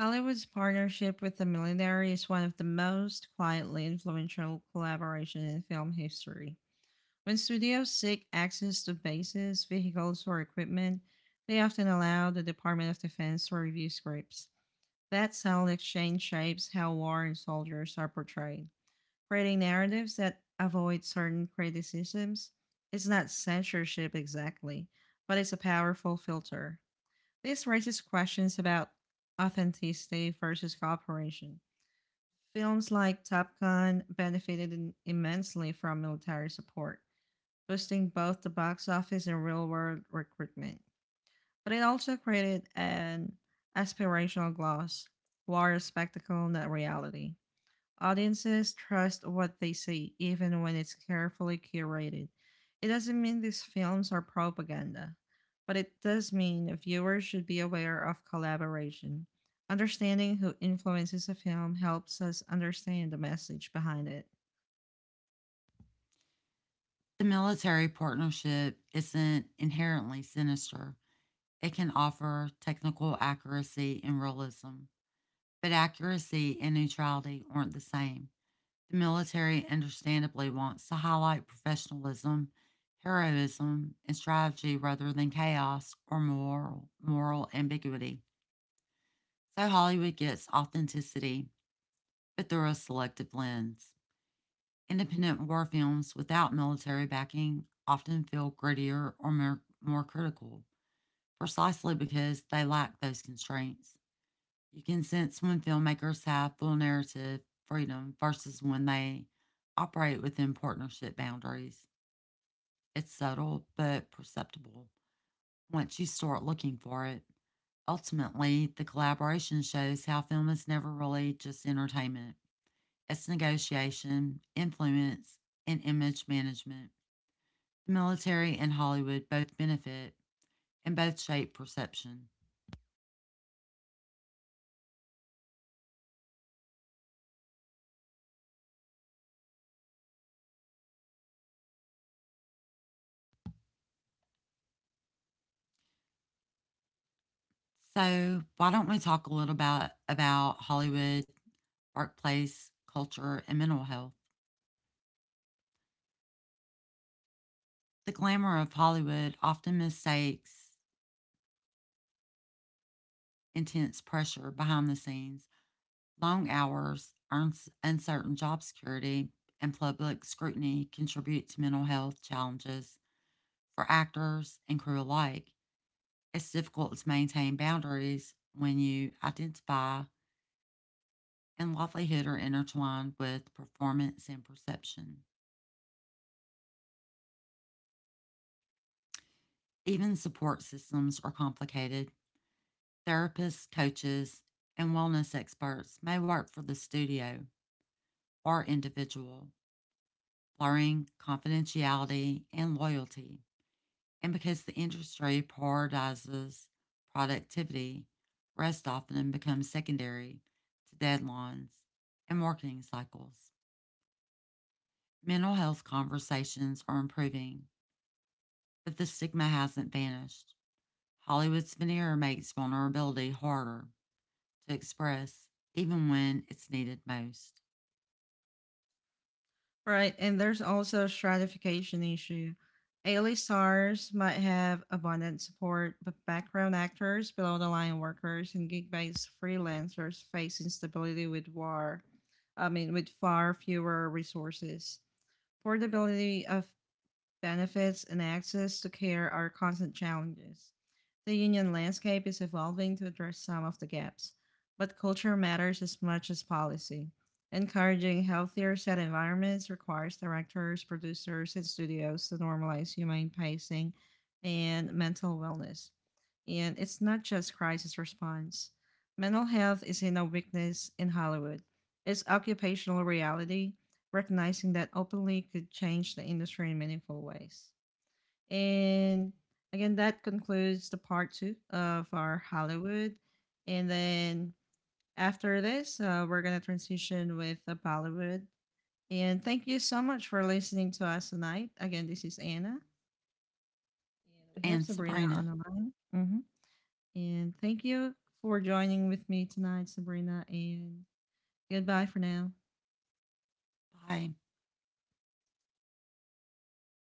Hollywood's partnership with the millenary is one of the most quietly influential collaborations in film history. When studios seek access to bases, vehicles, or equipment, they often allow the Department of Defense to review scripts. That sound exchange shapes how war and soldiers are portrayed, creating narratives that avoid certain criticisms. It's not censorship exactly, but it's a powerful filter. This raises questions about authenticity versus cooperation. Films like Top Gun benefited immensely from military support, boosting both the box office and real world recruitment. But it also created an aspirational gloss, more spectacle than reality. Audiences trust what they see, even when it's carefully curated. It doesn't mean these films are propaganda, but it does mean viewers should be aware of collaboration. Understanding who influences a film helps us understand the message behind it.
The military partnership isn't inherently sinister. It can offer technical accuracy and realism, but accuracy and neutrality aren't the same. The military understandably wants to highlight professionalism, heroism, and strategy rather than chaos or moral ambiguity. So Hollywood gets authenticity, but through a selective lens. Independent war films without military backing often feel grittier or more critical, precisely because they lack those constraints. You can sense when filmmakers have full narrative freedom versus when they operate within partnership boundaries. It's subtle but perceptible once you start looking for it. Ultimately, the collaboration shows how film is never really just entertainment. It's negotiation, influence, and image management. The military and Hollywood both benefit and both shape perception. So, why don't we talk a little about Hollywood, workplace culture, and mental health? The glamour of Hollywood often mistakes intense pressure behind the scenes, long hours, uncertain job security, and public scrutiny contribute to mental health challenges for actors and crew alike. It's difficult to maintain boundaries when you identify and livelihood are intertwined with performance and perception. Even support systems are complicated. Therapists, coaches, and wellness experts may work for the studio or individual, blurring confidentiality and loyalty. And because the industry prioritizes productivity, rest often becomes secondary to deadlines and marketing cycles. Mental health conversations are improving, but the stigma hasn't vanished. Hollywood's veneer makes vulnerability harder to express, even when it's needed most.
Right, and there's also a stratification issue. A-list stars might have abundant support, but background actors, below-the-line workers, and gig-based freelancers face instability with war. I mean, with far fewer resources. Portability of benefits, and access to care are constant challenges. The union landscape is evolving to address some of the gaps, but culture matters as much as policy. Encouraging healthier set environments requires directors, producers, and studios to normalize humane pacing and mental wellness. And it's not just crisis response. Mental health is no weakness in Hollywood. It's occupational reality, recognizing that openly could change the industry in meaningful ways. And again, that concludes the part two of our Hollywood. And then after this, we're going to transition with the Bollywood. And thank you so much for listening to us tonight. Again, this is Anna. And we have
And
Sabrina on
Sabrina,
the line. Hmm. And thank you for joining with me tonight, Sabrina. And goodbye for now.
by.